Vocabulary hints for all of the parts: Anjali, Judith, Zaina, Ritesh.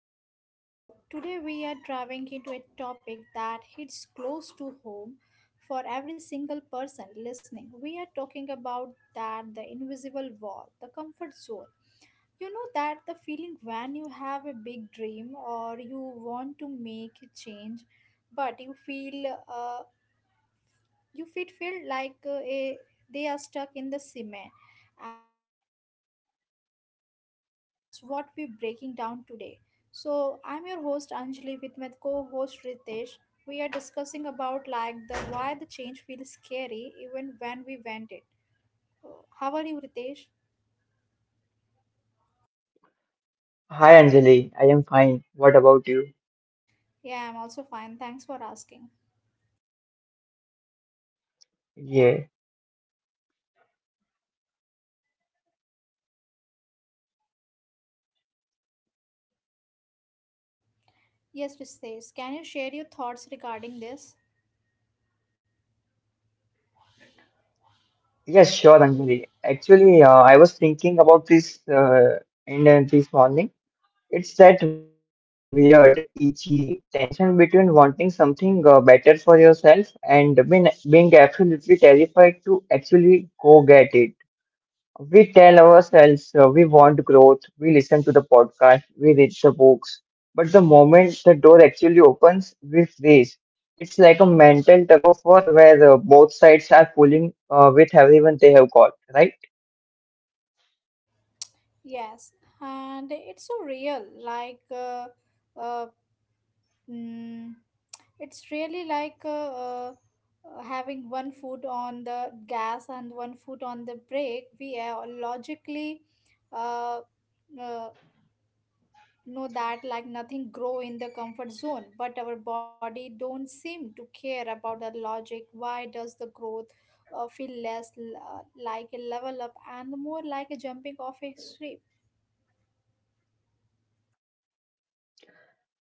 welcome to the show. Today, we are diving into a topic that hits close to home for every single person listening. We are talking about that the invisible wall, the comfort zone. You know that the feeling when you have a big dream or you want to make a change, but you feel you fit feel like they are stuck in the cement, and that's what we're breaking down today. So I'm your host Anjali with my co-host Ritesh. We are discussing about like the why the change feels scary even when we went it. Oh, how are you, Ritesh? Hi Anjali, I am fine. What about you? Yeah, I'm also fine, thanks for asking. Yeah, Yes, Ritesh, can you share your thoughts regarding this? yeah, Sure, Anjali. Actually, I was thinking about this in this morning. It's that weird, itchy tension between wanting something better for yourself and being absolutely terrified to actually go get it. We tell ourselves we want growth, we listen to the podcast, we read the books, but the moment the door actually opens, we freeze. It's like a mental tug of war where both sides are pulling with everyone they have got, right? Yes, and it's so real. like uh, uh, mm, It's really like having 1 foot on the gas and 1 foot on the brake. We, logically, uh, uh, know that like nothing grow in the comfort zone, but our body don't seem to care about the logic. Why does the growth feel less like a level up and more like a jumping off a cliff?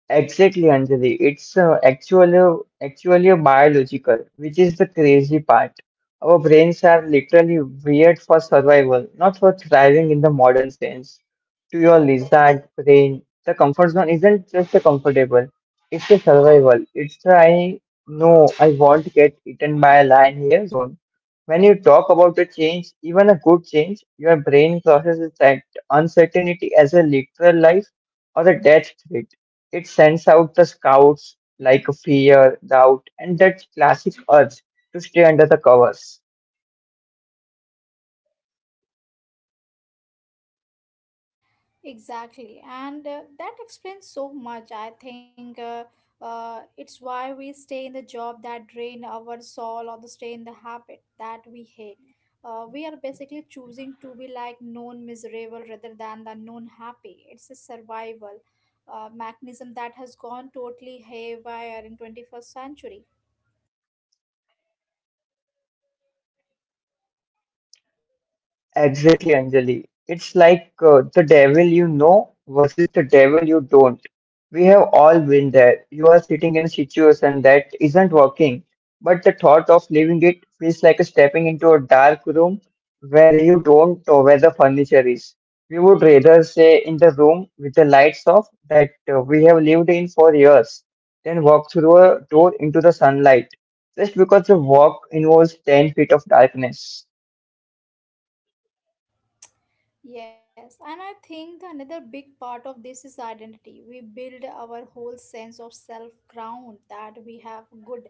Exactly, Anjali. It's actually biological, which is the crazy part. Our brains are literally weird for survival, not for thriving in the modern sense. To your lizard brain, the comfort zone isn't just a comfortable; it's a survival. It's the I know I won't get eaten by a lion here zone. When you talk about a change, even a good change, your brain processes that uncertainty as a literal life or a death threat. It sends out the scouts like a fear, doubt, and that classic urge to stay under the covers. Exactly, and that explains so much. I think, it's why we stay in the job that drain our soul or the stay in the habit that we hate. We are basically choosing to be like known miserable rather than the known happy. It's a survival mechanism that has gone totally haywire in 21st century. Exactly, Anjali. It's like the devil you know versus the devil you don't. We have all been there. You are sitting in a situation that isn't working, but the thought of leaving it feels like stepping into a dark room where you don't know where the furniture is. We would rather stay in the room with the lights off that we have lived in for years than walk through a door into the sunlight just because the walk involves 10 feet of darkness. Yes, and I think the another big part of this is identity. We build our whole sense of self ground that we have good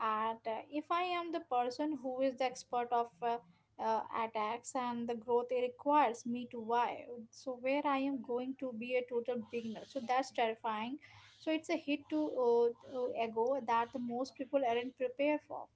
at. If I am the person who is the expert of attacks and the growth it requires me to why, so where I am going to be a total beginner. So that's terrifying. So it's a hit to ego that most people aren't prepared for.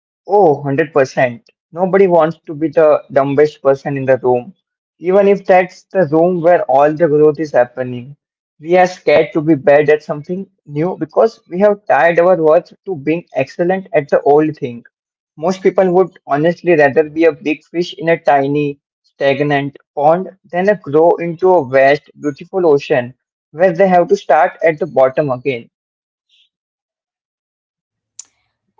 Oh, 100%. Nobody wants to be the dumbest person in the room, even if that's the room where all the growth is happening. We are scared to be bad at something new because we have tied our worth to being excellent at the old thing. Most people would honestly rather be a big fish in a tiny, stagnant pond than a grow into a vast, beautiful ocean where they have to start at the bottom again.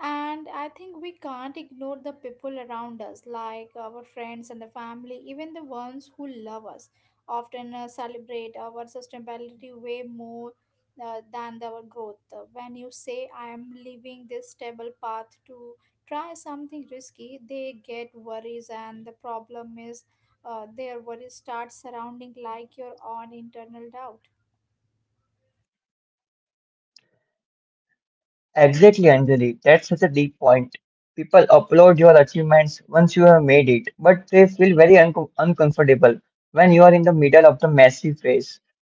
And I think we can't ignore the people around us, like our friends and the family, even the ones who love us, often celebrate our sustainability way more than our growth. When you say, I am leaving this stable path to try something risky, they get worries, and the problem is, their worries start surrounding like your own internal doubt. Exactly, Anjali. That's such a deep point. People applaud your achievements once you have made it, but they feel very uncomfortable when you are in the middle of the messy phase.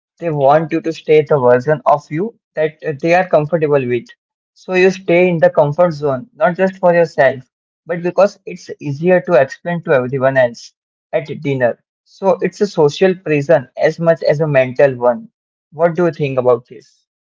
They want you to stay the version of you that they are comfortable with. So you stay in the comfort zone, not just for yourself, but because it's easier to explain to everyone else at dinner. So it's a social prison as much as a mental one. What do you think about this?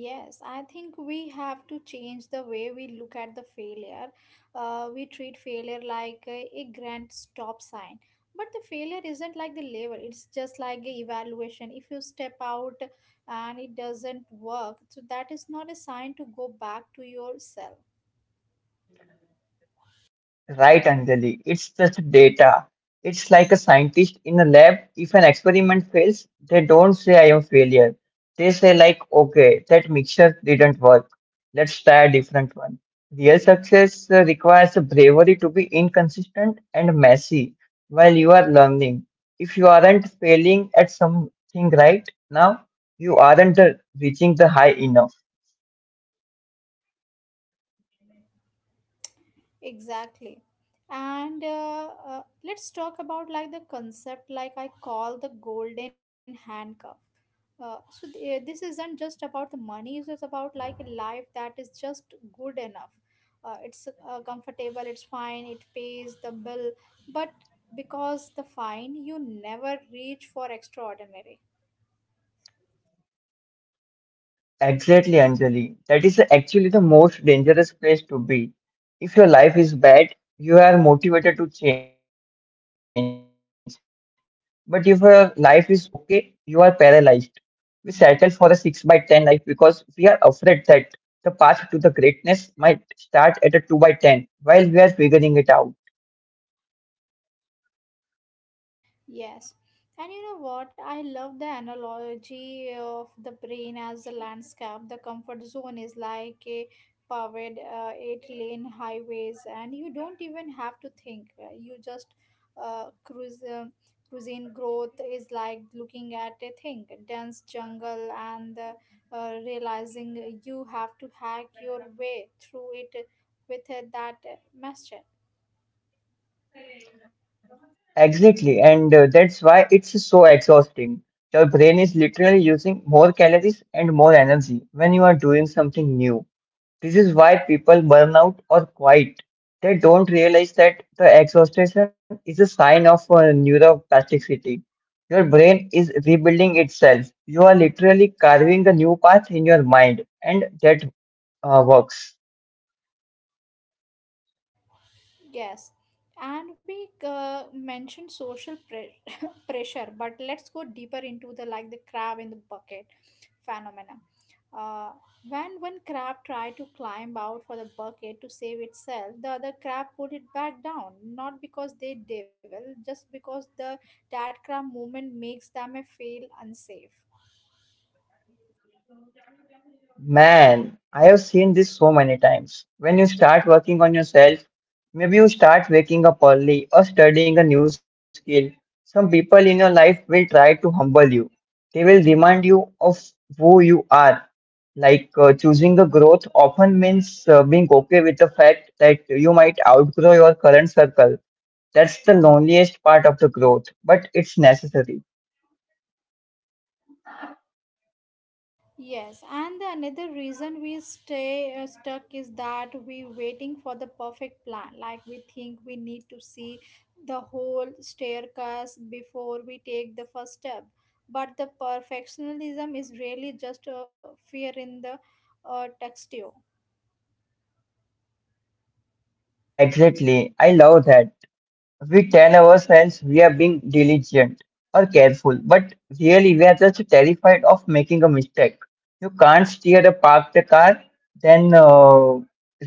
Yes, I think we have to change the way we look at the failure. We treat failure like a grand stop sign. But the failure isn't like the level, it's just like a evaluation. If you step out and it doesn't work, so that is not a sign to go back to yourself. Right, Anjali. It's just data. It's like a scientist in a lab. If an experiment fails, they don't say I am failure. They say like, okay, that mixture didn't work. Let's try a different one. Real success requires a bravery to be inconsistent and messy while you are learning. If you aren't failing at something right now, you aren't reaching the high enough. Exactly. And let's talk about like the concept like I call the golden handcuff. This isn't just about the money. It's about like a life that is just good enough. It's Comfortable, it's fine, it pays the bill, but because the fine you never reach for extraordinary. Exactly, Anjali. That is actually the most dangerous place to be. If your life is bad, you are motivated to change. But if your life is okay, you are paralyzed. We settle for a 6 by 10 life because we are afraid that the path to the greatness might start at a 2 by 10 while we are figuring it out. Yes. And you know what? I love the analogy of the brain as the landscape. The comfort zone is like a paved eight-lane highways, and you don't even have to think. You just cruise. Cuisine growth is like looking at a thing, dense jungle, and realizing you have to hack your way through it with that machete. Exactly, and that's why it's so exhausting. Your brain is literally using more calories and more energy when you are doing something new. This is why people burn out or quit. They don't realize that the exhaustion is a sign of neuroplasticity. Your brain is rebuilding itself. You are literally carving a new path in your mind, and that works. Yes, and we, mentioned social pre- pressure, but let's go deeper into the like the crab in the bucket phenomena. Uh, when one crab tried to climb out for the bucket to save itself, the other crab put it back down, not because they devil, just because the that crab movement makes them a feel unsafe. Man, I have seen this so many times. When you start working on yourself, maybe you start waking up early or studying a new skill. Some people in your life will try to humble you. They will remind you of who you are. Like choosing the growth often means being okay with the fact that you might outgrow your current circle. That's the loneliest part of the growth, but it's necessary. Yes, and the another reason we stay, stuck is that we waiting for the perfect plan. Like we think we need to see the whole staircase before we take the first step. But the perfectionism is really just a fear in the, textile. Exactly. I love that. We tell ourselves we are being diligent or careful, but really we are just terrified of making a mistake. You can't steer a parked car, then uh,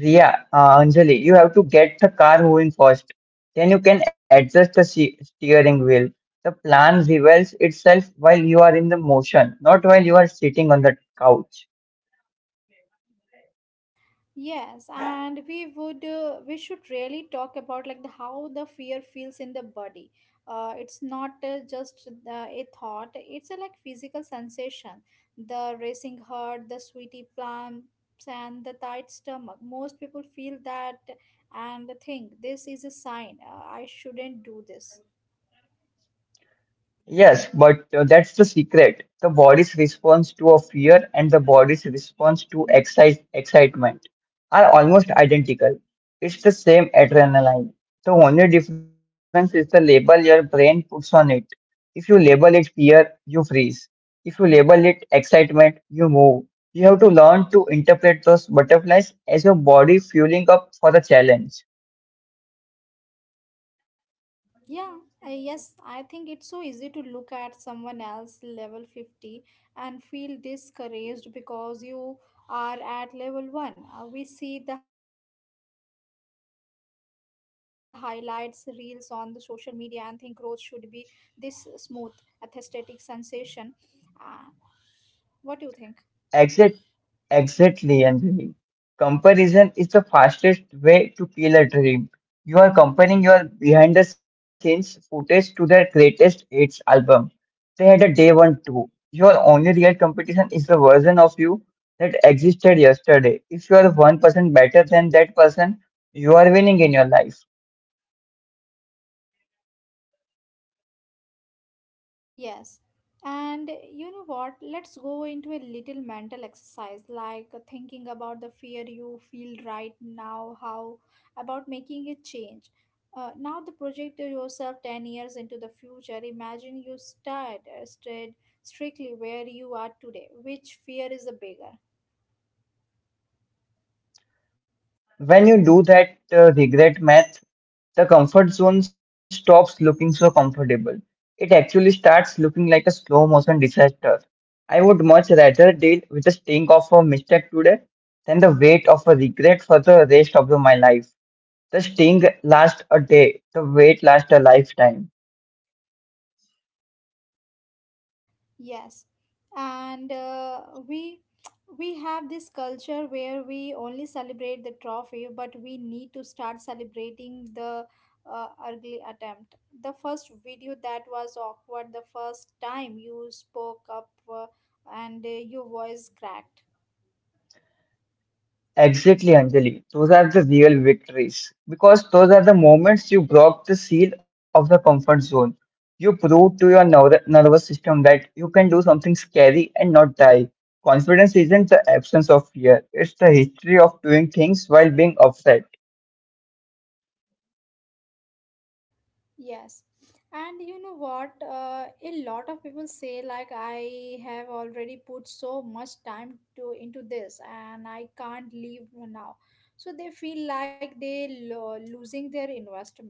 Anjali, you have to get the car moving first. Then you can adjust the steering wheel. The plan reveals itself while you are in the motion, not while you are sitting on the couch. Yes, and we would, we should really talk about like the how the fear feels in the body. It's not just a thought; it's a like physical sensation. The racing heart, the sweaty palms, and the tight stomach. Most people feel that and think this is a sign. I shouldn't do this. Yes, but that's the secret. The body's response to a fear and the body's response to excitement are almost identical. It's the same adrenaline. The only difference is the label your brain puts on it. If you label it fear, you freeze. If you label it excitement, you move. You have to learn to interpret those butterflies as your body fueling up for the challenge. Yeah, I think it's so easy to look at someone else level 50 and feel discouraged because you are at level 1. We see the highlights reels on the social media and think growth should be this smooth, aesthetic sensation. Uh, what do you think? Exit. Exactly, Anjali. Comparison is the fastest way to kill a dream. You are comparing your behind the scenes footage to their greatest hits album. They had a day one too. Your only real competition is the version of you that existed yesterday. If you are 1% better than that person, you are winning in your life. Yes. And you know what? Let's go into a little mental exercise, like, thinking about the fear you feel right now, how about making a change. Now, the project yourself 10 years into the future. Imagine you start, stayed strictly where you are today. Which fear is the bigger? When you do that regret math, the comfort zone stops looking so comfortable. It actually starts looking like a slow motion disaster. I would much rather deal with the sting of a mistake today than the weight of a regret for the rest of my life. The sting lasts a day, the weight lasts a lifetime. Yes, and we we have this culture where we only celebrate the trophy, but we need to start celebrating the, ugly attempt. The first video that was awkward, the first time you spoke up, and your voice cracked. Exactly, Anjali. Those are the real victories because those are the moments you broke the seal of the comfort zone. You proved to your nervous system that you can do something scary and not die. Confidence isn't the absence of fear, it's the history of doing things while being upset. Yes. And you know what? A lot of people say like I have already put so much time to into this and I can't leave now. So they feel like they losing their investment.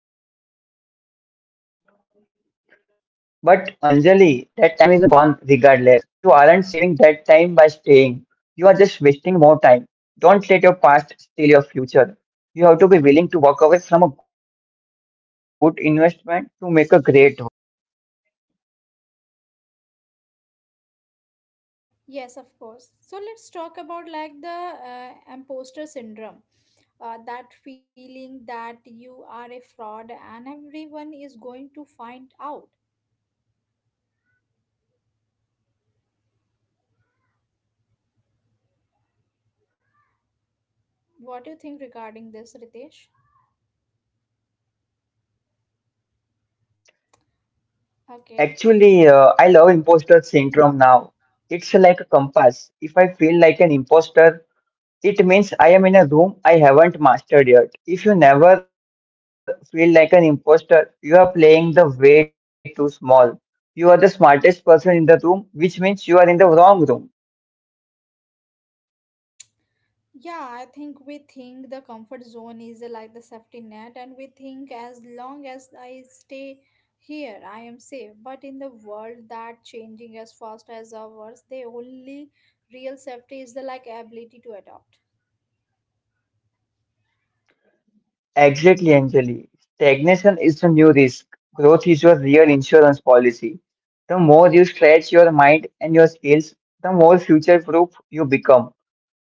But Anjali, that time is gone regardless. You aren't saving that time by staying. You are just wasting more time. Don't let your past steal your future. You have to be willing to walk away from a good investment to make a great one. Yes, of course. So let's talk about like the, imposter syndrome. That feeling that you are a fraud and everyone is going to find out. What do you think regarding this, Ritesh? Okay. Actually, I love imposter syndrome now. It's like a compass. If I feel like an imposter, it means I am in a room I haven't mastered yet. If you never feel like an imposter, you are playing the way too small. You are the smartest person in the room, which means you are in the wrong room. Yeah, I think we think the comfort zone is, like the safety net, and we think as long as I stay here, I am safe. But in the world that changing as fast as ours, the only real safety is the like ability to adapt. Exactly, Anjali. Stagnation is the new risk. Growth is your real insurance policy. The more you stretch your mind and your skills, the more future proof you become.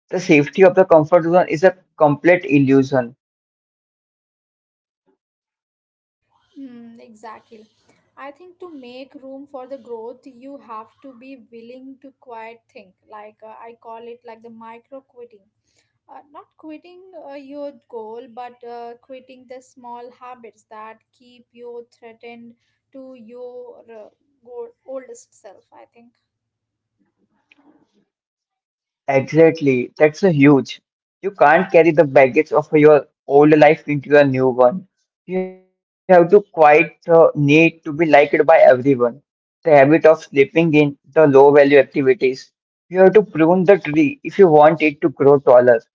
The safety of the comfort zone is a complete illusion. Hmm, exactly. I think to make room for the growth, you have to be willing to quiet think. Like, I call it like the micro quitting. Not quitting your goal, but quitting the small habits that keep you threatened to your, oldest self, I think. Exactly. That's a huge. You can't carry the baggage of your old life into a new one. You have to quite need to be liked by everyone. The habit of sleeping in the low value activities. You have to prune the tree if you want it to grow taller.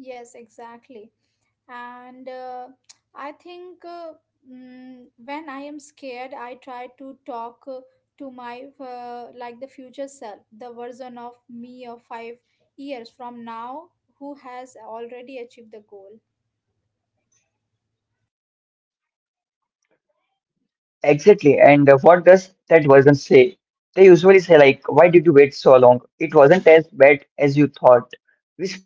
Yes, exactly. And, I think uh, when I am scared, I try to talk, to my, like the future self, the version of me of 5 years from now who has already achieved the goal. Exactly. And what does that version say? They usually say like, why did you wait so long? It wasn't as bad as you thought.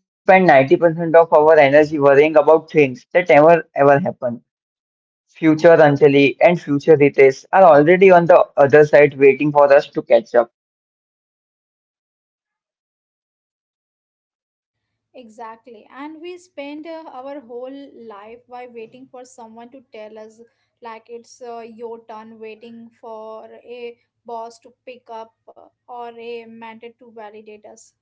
We spend 90% of our energy worrying about things that never ever happen. Future Anjali and future Ritesh are already on the other side waiting for us to catch up. Exactly. And we spend, our whole life by waiting for someone to tell us, like, it's, your turn, waiting for a boss to pick up, or a mentor to validate us.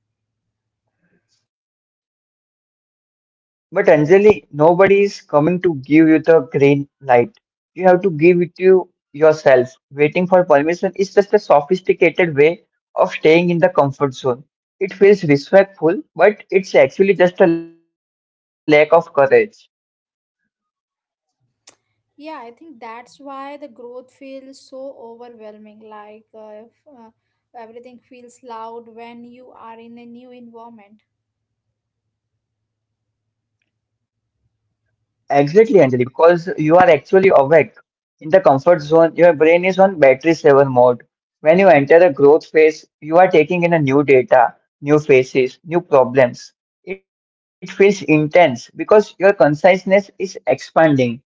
But Anjali, nobody is coming to give you the green light. You have to give it to yourself. Waiting for permission is just a sophisticated way of staying in the comfort zone. It feels respectful, but it's actually just a lack of courage. Yeah, I think that's why the growth feels so overwhelming. Like, if, everything feels loud when you are in a new environment. Exactly, Anjali, because you are actually awake. In the comfort zone, your brain is on battery saver mode. When you enter a growth phase, you are taking in a new data, new faces, new problems. It feels intense because your consciousness is expanding.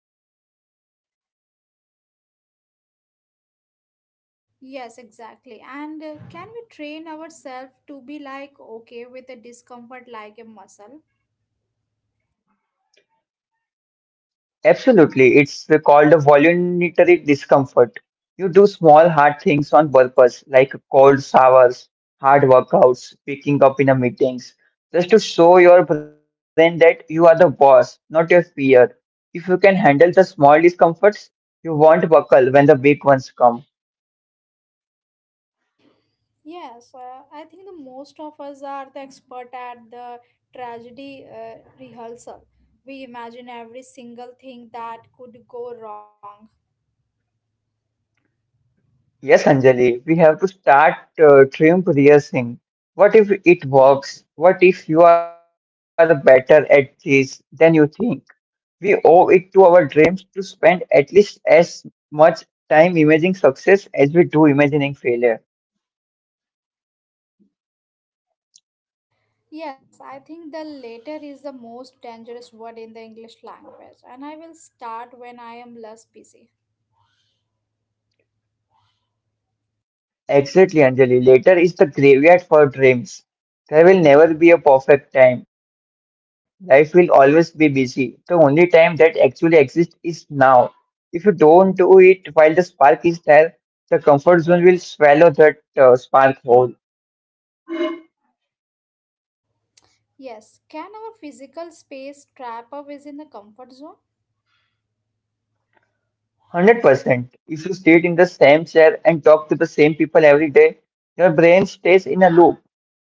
Yes, exactly. And, can we train ourselves to be like okay with the discomfort like a muscle? Absolutely. It's called a voluntary discomfort. You do small hard things on purpose, like cold showers, hard workouts, picking up in a meetings, just to show your brain that you are the boss, not your peer. If you can handle the small discomforts, you won't buckle when the big ones come. Yes, I think the most of us are the expert at the tragedy, rehearsal. We imagine every single thing that could go wrong. Yes, Anjali, we have to start trim rehearsing. What if it works? What if you are better at this than you think? We owe it to our dreams to spend at least as much time imagining success as we do imagining failure. Yes, I think the latter is the most dangerous word in the English language, and I will start when I am less busy. Exactly, Anjali. Later is the graveyard for dreams. There will never be a perfect time. Life will always be busy. The only time that actually exists is now. If you don't do it while the spark is there, the comfort zone will swallow that spark whole. Yes, can our physical space trap us in the comfort zone? 100%. If you sit in the same chair and talk to the same people every day, your brain stays in a loop.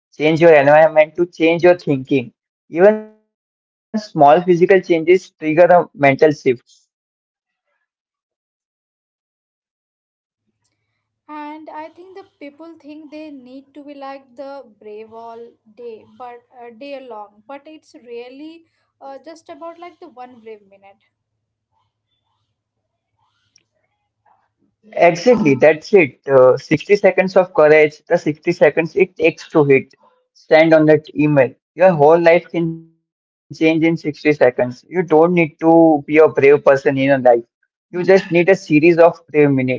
Change your environment to change your thinking. Even small physical changes trigger a mental shift. And I think the people think they need to be like the brave all day, but day long. But it's really, just about like the one brave minute. Exactly, that's it. 60 seconds of courage, the 60 seconds it takes to hit. Stand on that email. Your whole life can change in 60 seconds. You don't need to be a brave person in your life. You just need a series of brave minutes.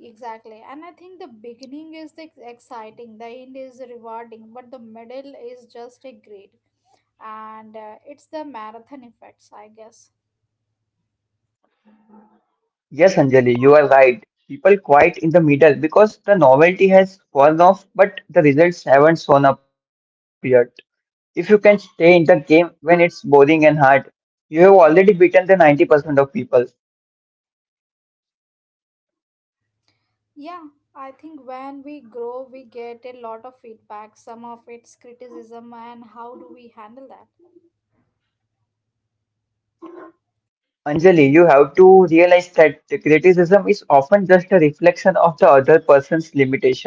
Exactly. And I think the beginning is the exciting, the end is rewarding, but the middle is just a grade. And it's the marathon effects, I guess. Yes, Anjali, you are right. People quiet in the middle because the novelty has worn off, but the results haven't shown up yet. If you can stay in the game when it's boring and hard, you have already beaten the 90% of people. Yeah, I think when we grow, we get a lot of feedback. Some of it's criticism, and how do we handle that? Anjali, you have to realize that the criticism is often just a reflection of the other person's limitation.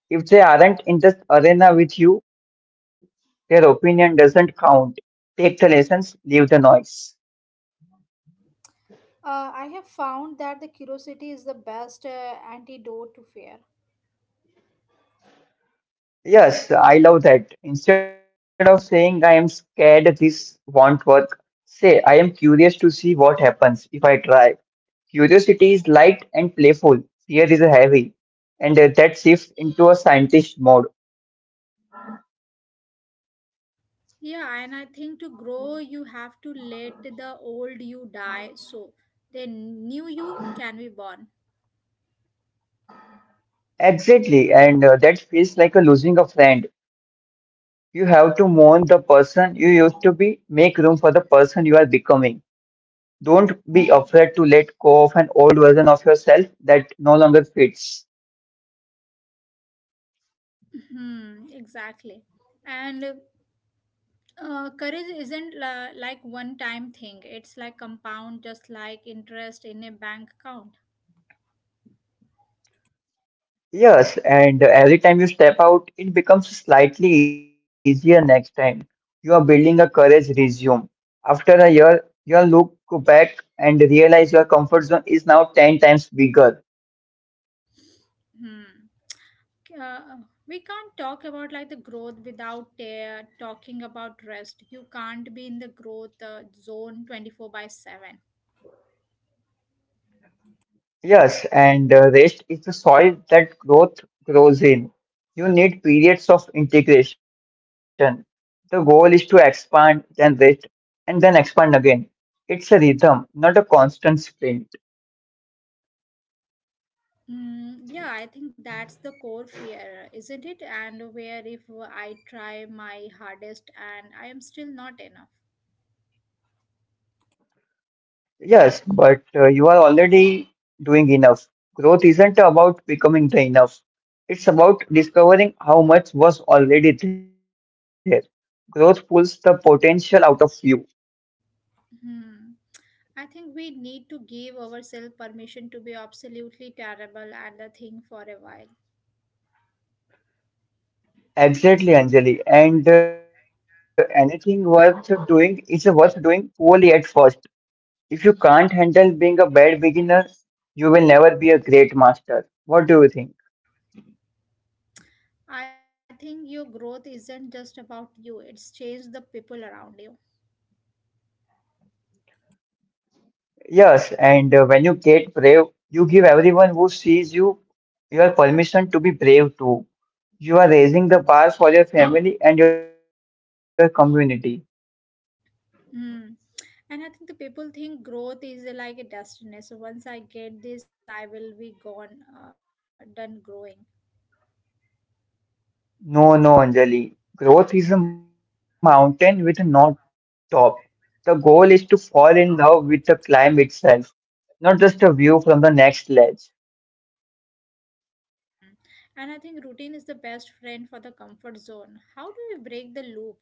If they aren't in the arena with you, their opinion doesn't count. Take the lessons, leave the noise. I have found that the curiosity is the best antidote to fear. Yes, I love that. Instead of saying I am scared this won't work, say I am curious to see what happens if I try. Curiosity is light and playful. Fear is heavy. And that shifts into a scientist mode. Yeah, and I think to grow, you have to let the old you die so the new you can be born. Exactly. And that feels like a losing a friend. You have to mourn the person you used to be, make room for the person you are becoming. Don't be afraid to let go of an old version of yourself that no longer fits. Hmm, exactly. And courage isn't la like one time thing, it's like compound, just like interest in a bank account. Yes, and every time you step out, it becomes slightly easier next time. You are building a courage resume. After a year, you'll look back and realize your comfort zone is now 10 times bigger. Hmm. Like, we can't talk about like the growth without talking about rest. You can't be in the growth, zone 24 by 7. Yes, and rest is the soil that growth grows in. You need periods of integration. The goal is to expand, then rest, and then expand again. It's a rhythm, not a constant sprint. Mm, yeah, I think that's the core fear, isn't it? And where if I try my hardest and I am still not enough. Yes, but you are already doing enough. Growth isn't about becoming the enough. It's about discovering how much was already there. Growth pulls the potential out of you. Hmm. I think we need to give ourselves permission to be absolutely terrible at the thing for a while. Exactly, Anjali. And anything worth doing is worth doing poorly at first. If you can't handle being a bad beginner, you will never be a great master. What do you think? I think your growth isn't just about you, it's changed the people around you. Yes, and when you get brave, you give everyone who sees you your permission to be brave too. You are raising the bar for your family and your community. Hmm. And I think the people think growth is, like a destiny. So once I get this, I will be gone, done growing. No, no, Anjali. Growth is a mountain with no top. The goal is to fall in love with the climb itself, not just a view from the next ledge. Hmm. And I think routine is the best friend for the comfort zone. How do we break the loop?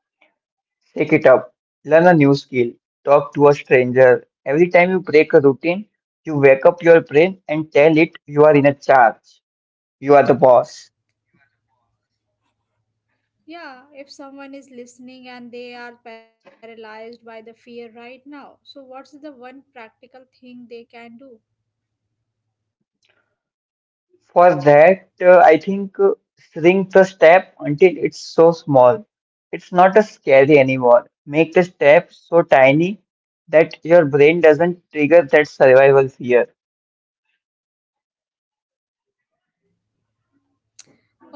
Take it up, learn a new skill, talk to a stranger. Every time you break a routine, you wake up your brain and tell it you are in a charge. You are the boss. Yeah, if someone is listening and they are paralyzed by the fear right now, so what's the one practical thing they can do? For that, I think shrink the step until it's so small. It's not as scary anymore. Make the step so tiny that your brain doesn't trigger that survival fear.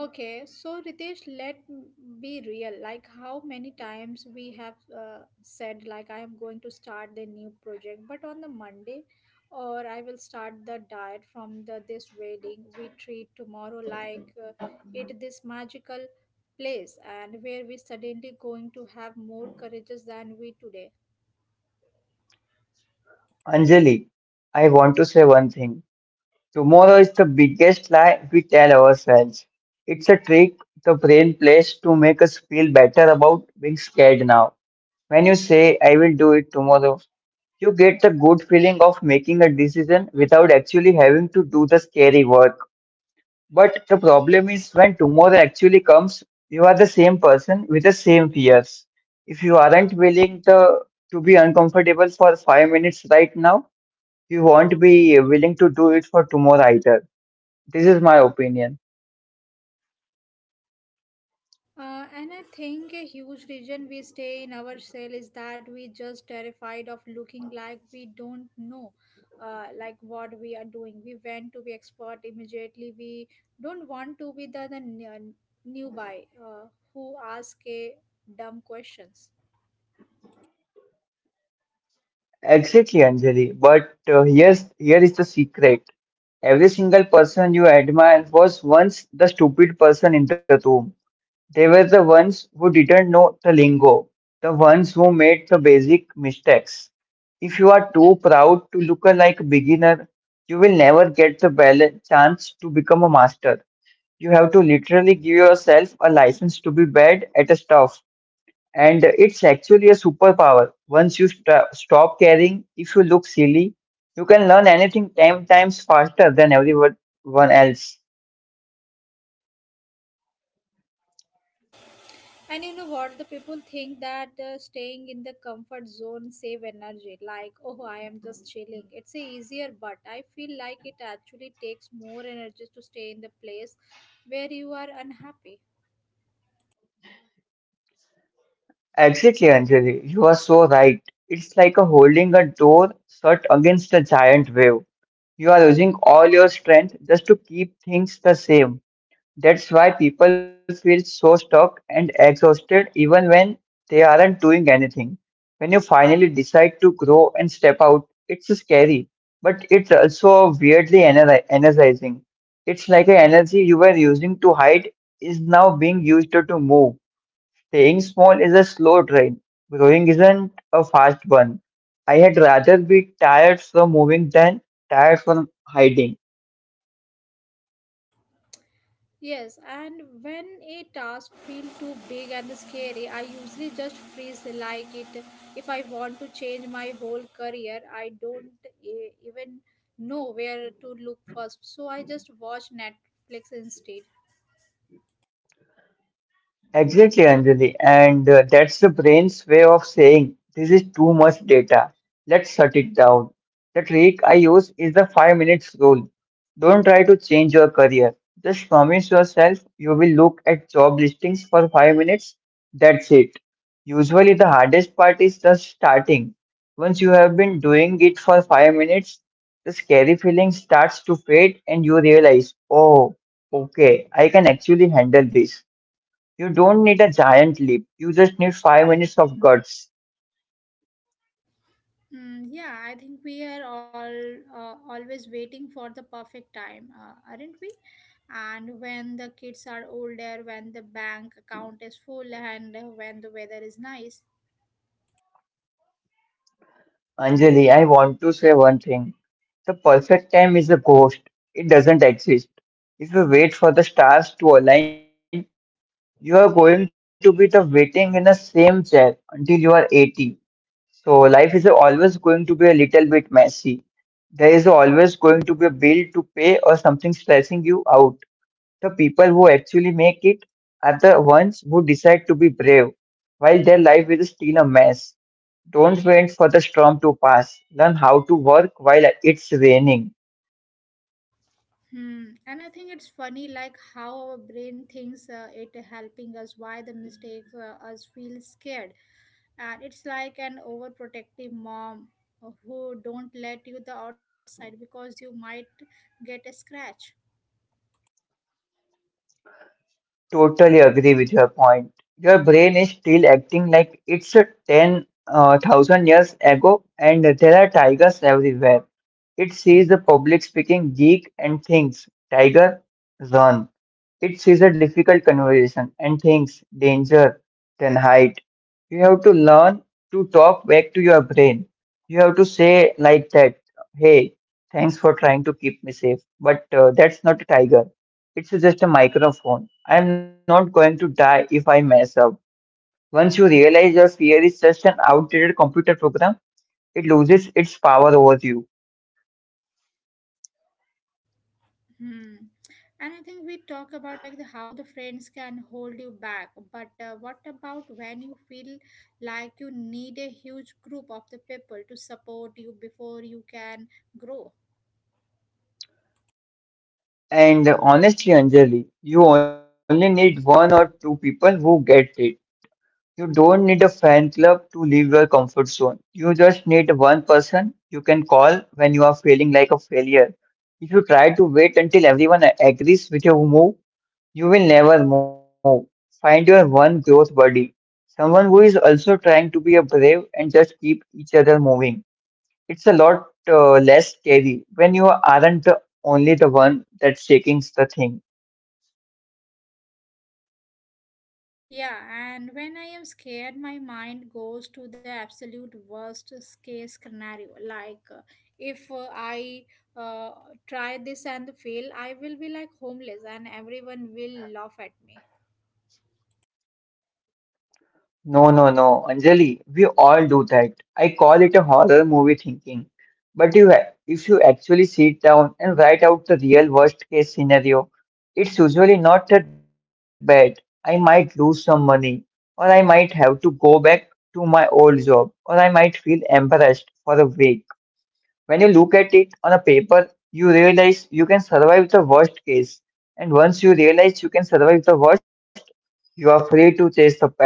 Okay, so Ritesh, be real. Like how many times we have said, like I am going to start the new project, but on the Monday, or I will start the diet from the this wedding. We treat tomorrow like it this magical place, and where we suddenly going to have more courageous than we today. Anjali, I want to say one thing. Tomorrow is the biggest lie we tell ourselves. It's a trick the brain plays to make us feel better about being scared now. When you say, I will do it tomorrow, you get the good feeling of making a decision without actually having to do the scary work. But the problem is when tomorrow actually comes, you are the same person with the same fears. If you aren't willing to be uncomfortable for 5 minutes right now, you won't be willing to do it for tomorrow either. This is my opinion. And I think a huge reason we stay in our cell is that we just terrified of looking like we don't know, like what we are doing. We want to be expert immediately. We don't want to be the newbie who ask a dumb questions. Exactly, Anjali. But here is the secret. Every single person you admire was once the stupid person in the room. They were the ones who didn't know the lingo, the ones who made the basic mistakes. If you are too proud to look like a beginner, you will never get the chance to become a master. You have to literally give yourself a license to be bad at a stuff, and it's actually a superpower. Once you stop caring, if you look silly, you can learn anything 10 times faster than everyone one else. And you know what? The people think that staying in the comfort zone save energy. Like, oh, I am just chilling. It's a easier, but I feel like it actually takes more energy to stay in the place where you are unhappy. Exactly, Anjali. You are so right. It's like a holding a door shut against a giant wave. You are using all your strength just to keep things the same. That's why people feel so stuck and exhausted even when they aren't doing anything. When you finally decide to grow and step out, it's scary, but it's also weirdly energizing. It's like an energy you were using to hide is now being used to move. Staying small is a slow train, growing isn't a fast one. I had rather be tired from moving than tired from hiding. Yes, and when a task feels too big and scary, I usually just freeze like it. If I want to change my whole career, I don't even know where to look first. So I just watch Netflix instead. Exactly, Anjali. And that's the brain's way of saying this is too much data. Let's shut it down. The trick I use is the 5 minutes rule. Don't try to change your career. Just promise yourself you will look at job listings for 5 minutes. That's it. Usually, the hardest part is just starting. Once you have been doing it for 5 minutes, the scary feeling starts to fade and you realize, oh, okay, I can actually handle this. You don't need a giant leap. You just need 5 minutes of guts. Yeah, I think we are all always waiting for the perfect time, aren't we? And when the kids are older, when the bank account is full, and when the weather is nice. Anjali, I want to say one thing. The perfect time is a ghost. It doesn't exist. If you wait for the stars to align, you are going to be the waiting in the same chair until you are 80. So life is always going to be a little bit messy. There is always going to be a bill to pay or something stressing you out. The people who actually make it are the ones who decide to be brave while their life is still a mess. Don't wait for the storm to pass. Learn how to work while it's raining. Hmm. And I think it's funny, like how our brain thinks it helping us, why the mistakes us feel scared, and it's like an overprotective mom who don't let you the outside because you might get a scratch. Totally agree with your point. Your brain is still acting like it's a 10 thousand years ago, and there are tigers everywhere. It sees a public speaking geek and thinks, Tiger, run. It sees a difficult conversation and thinks, Danger, then hide. You have to learn to talk back to your brain. You have to say like that, Hey, thanks for trying to keep me safe, but that's not a tiger. It's just a microphone. I am not going to die if I mess up. Once you realize your fear is just an outdated computer program, it loses its power over you. Hmm. And I think we talk about like the how the friends can hold you back, but what about when you feel like you need a huge group of the people to support you before you can grow? And honestly, Anjali, you only need one or two people who get it. You don't need a fan club to leave your comfort zone. You just need one person you can call when you are feeling like a failure. If you try to wait until everyone agrees with your move, you will never move. Find your one growth buddy, someone who is also trying to be a brave, and just keep each other moving. It's a lot less scary when you aren't the only the one that's shaking the thing. Yeah, and when I am scared, my mind goes to the absolute worst case scenario. Like, if I uh, try this and fail, I will be like homeless, and everyone will laugh at me. No, no, no, Anjali, we all do that. I call it a horror movie thinking. But you, if you actually sit down and write out the real worst case scenario, it's usually not that bad. I might lose some money, or I might have to go back to my old job, or I might feel embarrassed for a week. When you look at it on a paper, you realize you can survive the worst case. And once you realize you can survive the worst, you are free to chase the past.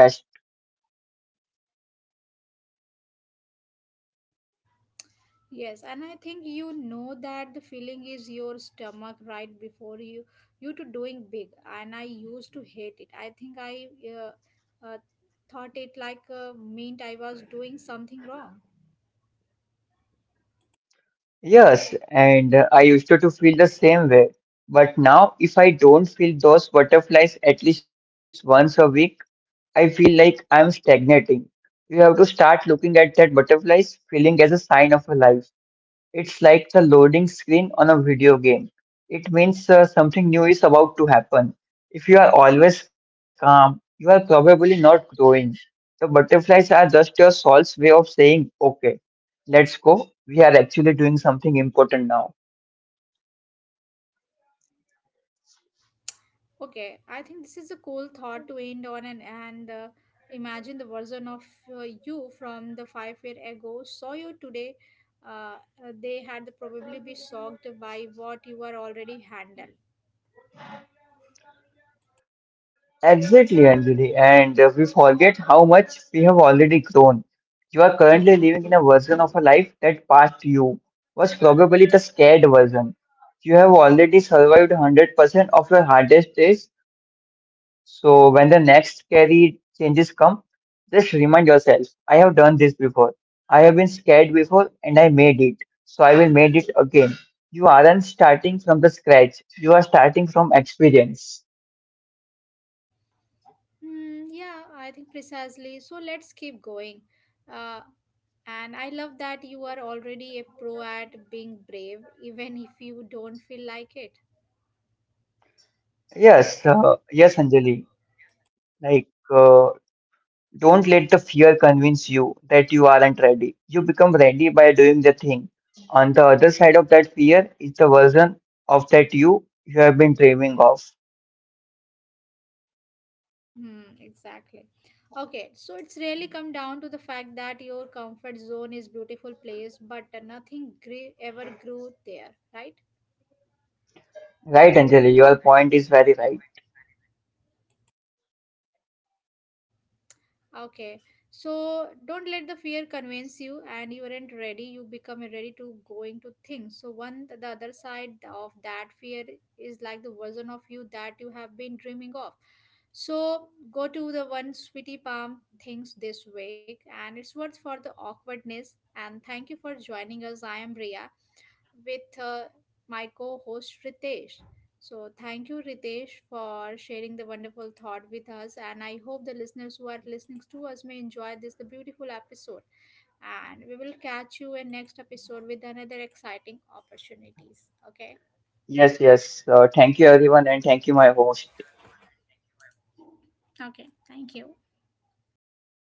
Yes, and I think you know that the feeling is your stomach right before you to doing big. And I used to hate it. I think I thought it like meant I was doing something wrong. Yes, and I used to feel the same way. But now, if I don't feel those butterflies at least once a week, I feel like I'm stagnating. You have to start looking at that butterflies feeling as a sign of a life. It's like the loading screen on a video game. It means something new is about to happen. If you are always calm, you are probably not growing. The butterflies are just your soul's way of saying, okay, let's go. We are actually doing something important now. Okay, I think this is a cool thought to end on and imagine the version of you from the 5 year ago saw you today. Uh, they had probably be shocked by what you are already handled. Exactly, Anjali. And we forget how much we have already grown. You are currently living in a version of a life that past you was probably the scared version. You have already survived 100% of your hardest days. So when the next scary changes come, just remind yourself, I have done this before. I have been scared before and I made it. So I will made it again. You aren't starting from the scratch. You are starting from experience. Hmm, yeah, I think precisely. So let's keep going. Uh, and I love that you are already a pro at being brave, even if you don't feel like it. Yes, yes, Anjali. Like, uh, don't let the fear convince you that you aren't ready. You become ready by doing the thing. On the other side of that fear is the version of that you have been dreaming of. Hmm, exactly. Okay, so it's really come down to the fact that your comfort zone is beautiful place, but nothing gre- ever grew there, right? Right, Anjali, your point is very right. Okay, so don't let the fear convince you, and you aren't ready. You become ready to going to things. So one, the other side of that fear is like the version of you that you have been dreaming of. So go to the one sweetie palm things this week, and it's worth for the awkwardness. And thank you for joining us. I am Ria with my co host Ritesh. So, thank you, Ritesh, for sharing the wonderful thought with us. And I hope the listeners who are listening to us may enjoy this the beautiful episode. And we will catch you in next episode with another exciting opportunities. Okay. Yes, yes. Thank you, everyone, and thank you, my host. Okay. Thank you. Yeah, bye.